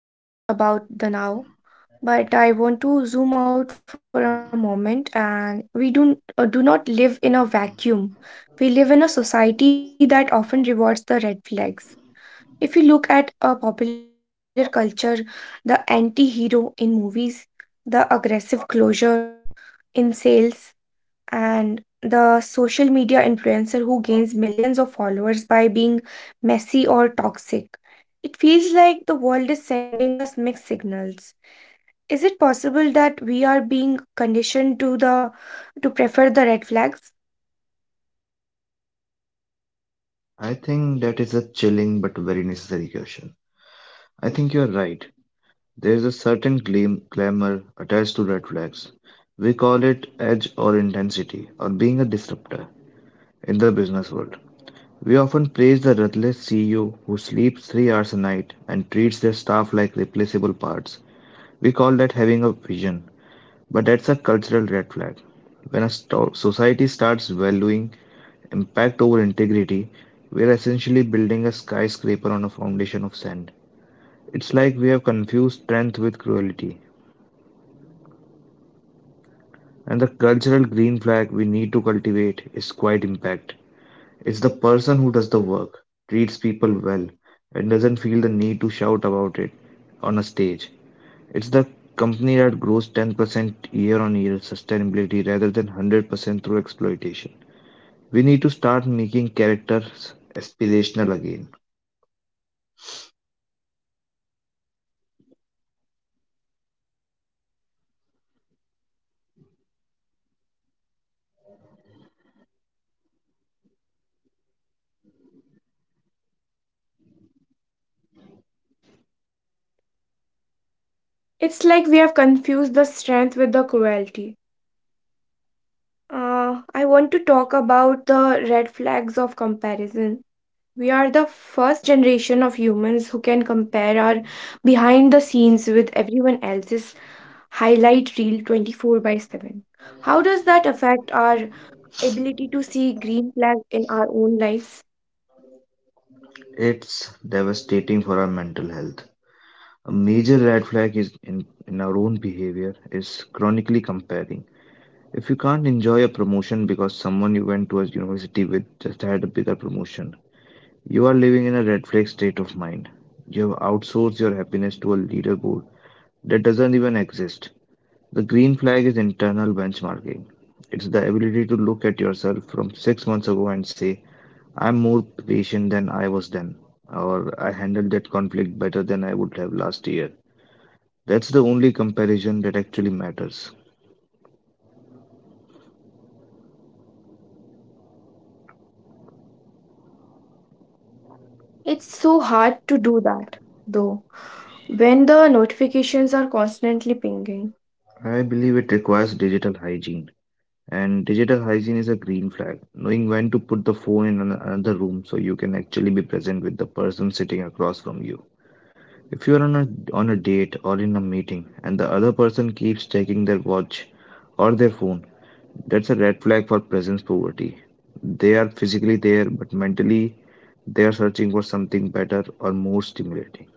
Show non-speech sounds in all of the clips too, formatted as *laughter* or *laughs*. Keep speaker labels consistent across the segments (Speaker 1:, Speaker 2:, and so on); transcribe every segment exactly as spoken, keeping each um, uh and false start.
Speaker 1: Okay, Balram, so we have spoken a lot about the now, but I want to zoom out for a moment and we do, uh, do not live in a vacuum. We live in a society that often rewards the red flags. If you look at a popular culture, the anti-hero in movies, the aggressive closure in sales, and the social media influencer who gains millions of followers by being messy or toxic, it feels like the world is sending us mixed signals. Is it possible that we are being conditioned to the to prefer the red flags?
Speaker 2: I think that is a chilling but very necessary question. I think you're right. There is a certain gleam, glamour attached to red flags. We call it edge or intensity or being a disruptor in the business world. We often praise the ruthless C E O who sleeps three hours a night and treats their staff like replaceable parts. We call that having a vision, but that's a cultural red flag. When a sto- society starts valuing impact over integrity, we're essentially building a skyscraper on a foundation of sand. It's like we have confused strength with cruelty. And the cultural green flag we need to cultivate is quite impact. It's the person who does the work, treats people well, and doesn't feel the need to shout about it on a stage. It's the company that grows ten percent year on year sustainability rather than one hundred percent through exploitation. We need to start making characters aspirational again.
Speaker 1: It's like we have confused the strength with the cruelty. Uh, I want to talk about the red flags of comparison. We are the first generation of humans who can compare our behind the scenes with everyone else's highlight reel twenty four by seven. How does that affect our ability to see green flag in our own lives?
Speaker 2: It's devastating for our mental health. A major red flag is in, in our own behavior is chronically comparing. If you can't enjoy a promotion because someone you went to a university with just had a bigger promotion, you are living in a red flag state of mind. You have outsourced your happiness to a leaderboard that doesn't even exist. The green flag is internal benchmarking. It's the ability to look at yourself from six months ago and say, I'm more patient than I was then, or I handled that conflict better than I would have last year. That's the only comparison that actually matters.
Speaker 1: It's so hard to do that, though, when the notifications are constantly pinging.
Speaker 2: I believe it requires digital hygiene, and digital hygiene is a green flag, knowing when to put the phone in an- another room so you can actually be present with the person sitting across from you. If you are on a on a date or in a meeting and the other person keeps checking their watch or their phone, that's a red flag for presence poverty. They are physically there, but mentally they are searching for something better or more stimulating.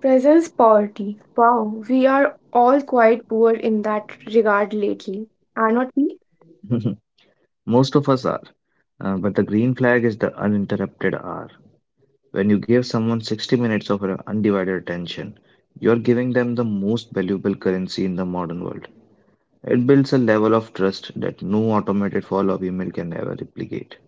Speaker 1: Presence poverty. Wow, we are all quite poor in that regard lately, are not we?
Speaker 2: *laughs* Most of us are. Uh, but the green flag is the uninterrupted hour. When you give someone sixty minutes of your undivided attention, you're giving them the most valuable currency in the modern world. It builds a level of trust that no automated follow up email can ever replicate.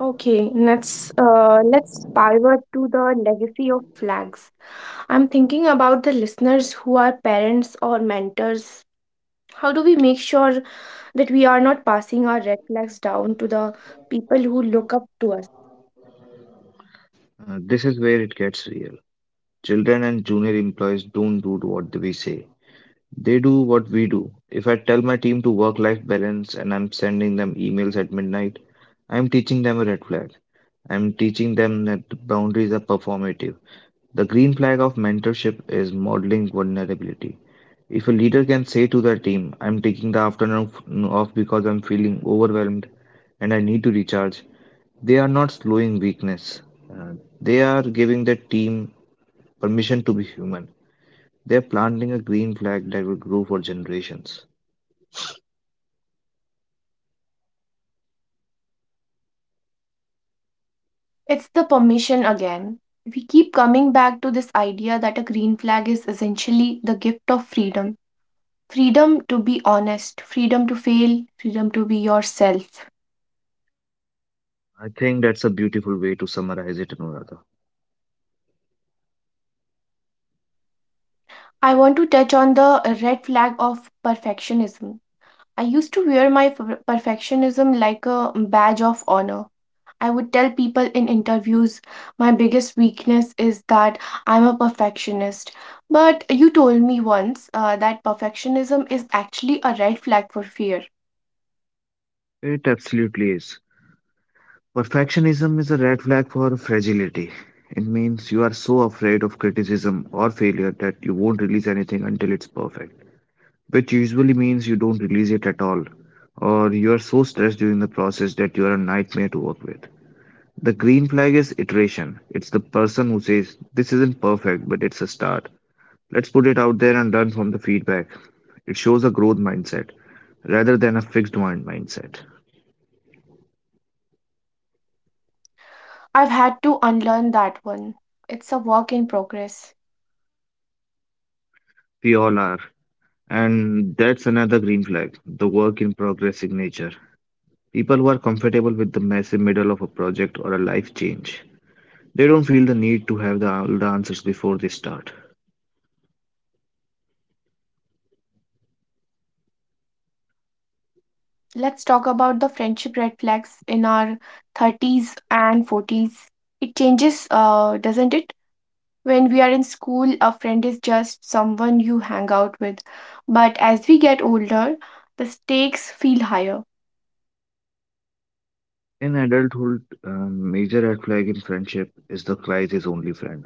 Speaker 1: Okay, let's uh, let's pivot to the legacy of flags. I'm thinking about the listeners who are parents or mentors. How do we make sure that we are not passing our red flags down to the people who look up to us?
Speaker 2: Uh, this is where it gets real. Children and junior employees don't do what we say, they do what we do. If I tell my team to work-life balance and I'm sending them emails at midnight, I'm teaching them a red flag. I'm teaching them that the boundaries are performative. The green flag of mentorship is modeling vulnerability. If a leader can say to their team, I'm taking the afternoon f- off because I'm feeling overwhelmed and I need to recharge, they are not slowing weakness. Uh, they are giving the team permission to be human. They're planting a green flag that will grow for generations.
Speaker 1: It's the permission again. We keep coming back to this idea that a green flag is essentially the gift of freedom freedom to be honest, freedom to fail, freedom to be yourself.
Speaker 2: I think that's a beautiful way to summarize it, Anuradha.
Speaker 1: I want to touch on the red flag of perfectionism. I used to wear my per- perfectionism like a badge of honor. I would tell people in interviews my biggest weakness is that I'm a perfectionist. But you told me once uh, that perfectionism is actually a red flag for fear.
Speaker 2: It absolutely is. Perfectionism is a red flag for fragility. It means you are so afraid of criticism or failure that you won't release anything until it's perfect, which usually means you don't release it at all, or you are so stressed during the process that you are a nightmare to work with. The green flag is iteration. It's the person who says, this isn't perfect, but it's a start. Let's put it out there and learn from the feedback. It shows a growth mindset rather than a fixed mind mindset.
Speaker 1: I've had to unlearn that one. It's a work in progress.
Speaker 2: We all are. And that's another green flag, the work in progress signature. People who are comfortable with the messy middle of a project or a life change. They don't feel the need to have the, all the answers before they start.
Speaker 1: Let's talk about the friendship red flags in our thirties and forties. It changes, uh, doesn't it? When we are in school, a friend is just someone you hang out with. But as we get older, the stakes feel higher.
Speaker 2: In adulthood, um, major red flag in friendship is the crisis only friend.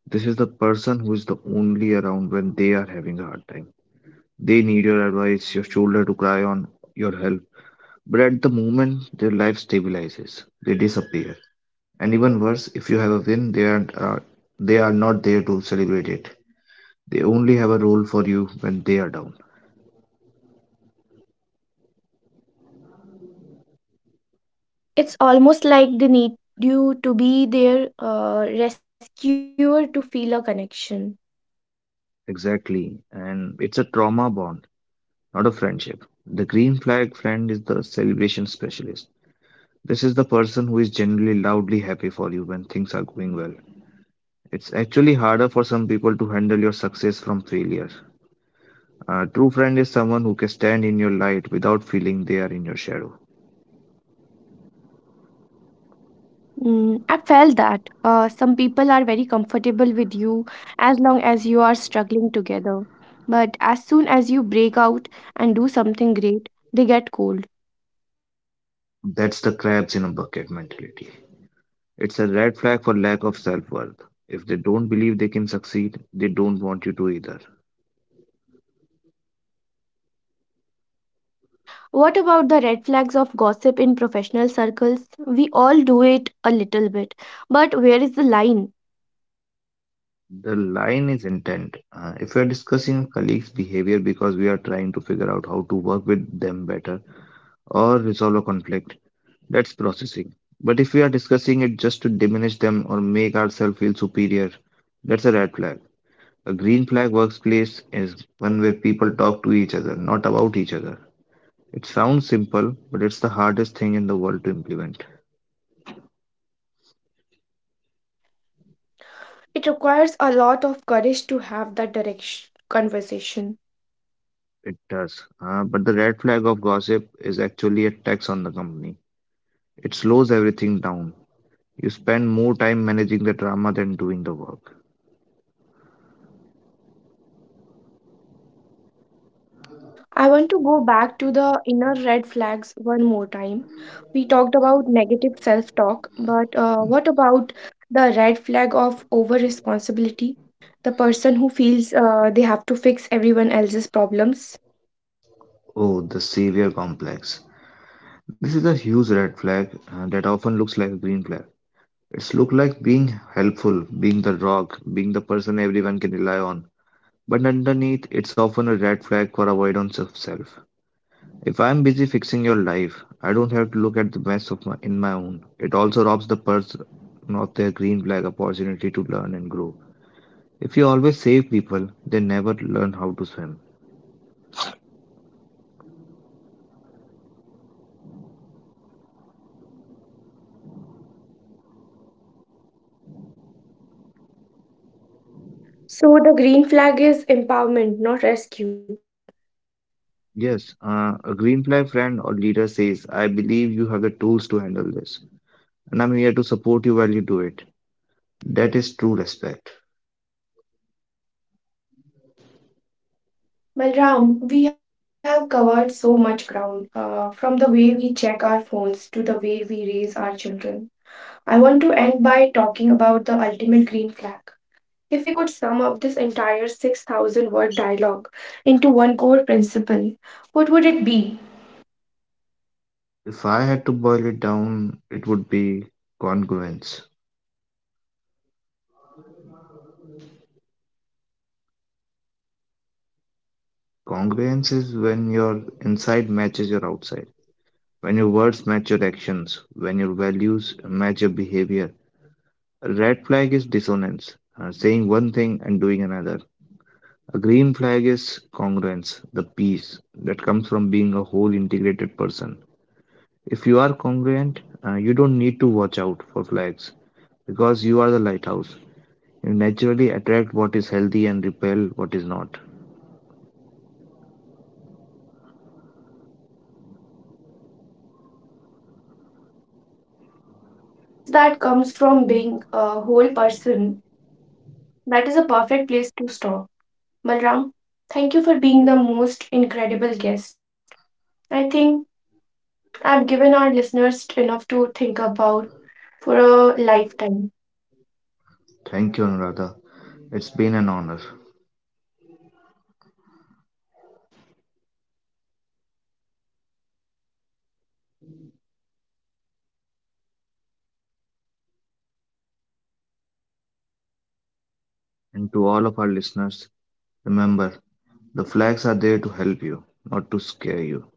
Speaker 2: This is the person who is the only around when they are having a hard time. They need your advice, your shoulder to cry on, your help. But at the moment, their life stabilizes. They disappear. And even worse, if you have a win, they are, uh, they are not there to celebrate it. They only have a role for you when they are down.
Speaker 1: It's almost like they need you to be their uh, rescuer to feel a connection.
Speaker 2: Exactly. And it's a trauma bond, not a friendship. The green flag friend is the celebration specialist. This is the person who is generally loudly happy for you when things are going well. It's actually harder for some people to handle your success from failure. A true friend is someone who can stand in your light without feeling they are in your shadow.
Speaker 1: Mm, I felt that uh, some people are very comfortable with you as long as you are struggling together. But as soon as you break out and do something great, they get cold.
Speaker 2: That's the crabs in a bucket mentality. It's a red flag for lack of self worth. If they don't believe they can succeed, they don't want you to either.
Speaker 1: What about the red flags of gossip in professional circles? We all do it a little bit, but where is the line?
Speaker 2: The line is intent. Uh, if we are discussing a colleague's behavior because we are trying to figure out how to work with them better or resolve a conflict, that's processing. But if we are discussing it just to diminish them or make ourselves feel superior, that's a red flag. A green flag workplace is one where people talk to each other, not about each other. It sounds simple, but it's the hardest thing in the world to implement.
Speaker 1: It requires a lot of courage to have that direct conversation.
Speaker 2: It does. Uh, but the red flag of gossip is actually a tax on the company. It slows everything down. You spend more time managing the drama than doing the work.
Speaker 1: I want to go back to the inner red flags one more time. We talked about negative self talk, but uh, what about the red flag of over responsibility? The person who feels uh, they have to fix everyone else's problems.
Speaker 2: Oh, the savior complex. This is a huge red flag uh, that often looks like a green flag. It's look like being helpful, being the rock, being the person everyone can rely on. But underneath, it's often a red flag for avoidance of self. If I'm busy fixing your life, I don't have to look at the mess of my, in my own. It also robs the person of their green flag opportunity to learn and grow. If you always save people, they never learn how to swim.
Speaker 1: So, the green flag is empowerment, not rescue.
Speaker 2: Yes, uh, a green flag friend or leader says, I believe you have the tools to handle this, and I'm here to support you while you do it. That is true respect.
Speaker 1: Well, Ram, we have covered so much ground, uh, from the way we check our phones to the way we raise our children. I want to end by talking about the ultimate green flag. If we could sum up this entire six thousand word dialogue into one core principle, what would it be?
Speaker 2: If I had to boil it down, it would be congruence. Congruence is when your inside matches your outside, when your words match your actions, when your values match your behavior. A red flag is dissonance, uh, saying one thing and doing another. A green flag is congruence, the peace that comes from being a whole integrated person. If you are congruent, uh, you don't need to watch out for flags because you are the lighthouse. You naturally attract what is healthy and repel what is not.
Speaker 1: The peace that comes from being a whole person, that is a perfect place to stop. Balram, thank you for being the most incredible guest. I think I've given our listeners enough to think about for a lifetime.
Speaker 2: Thank you, Anuradha. It's been an honor. And to all of our listeners, remember the flags are there to help you, not to scare you.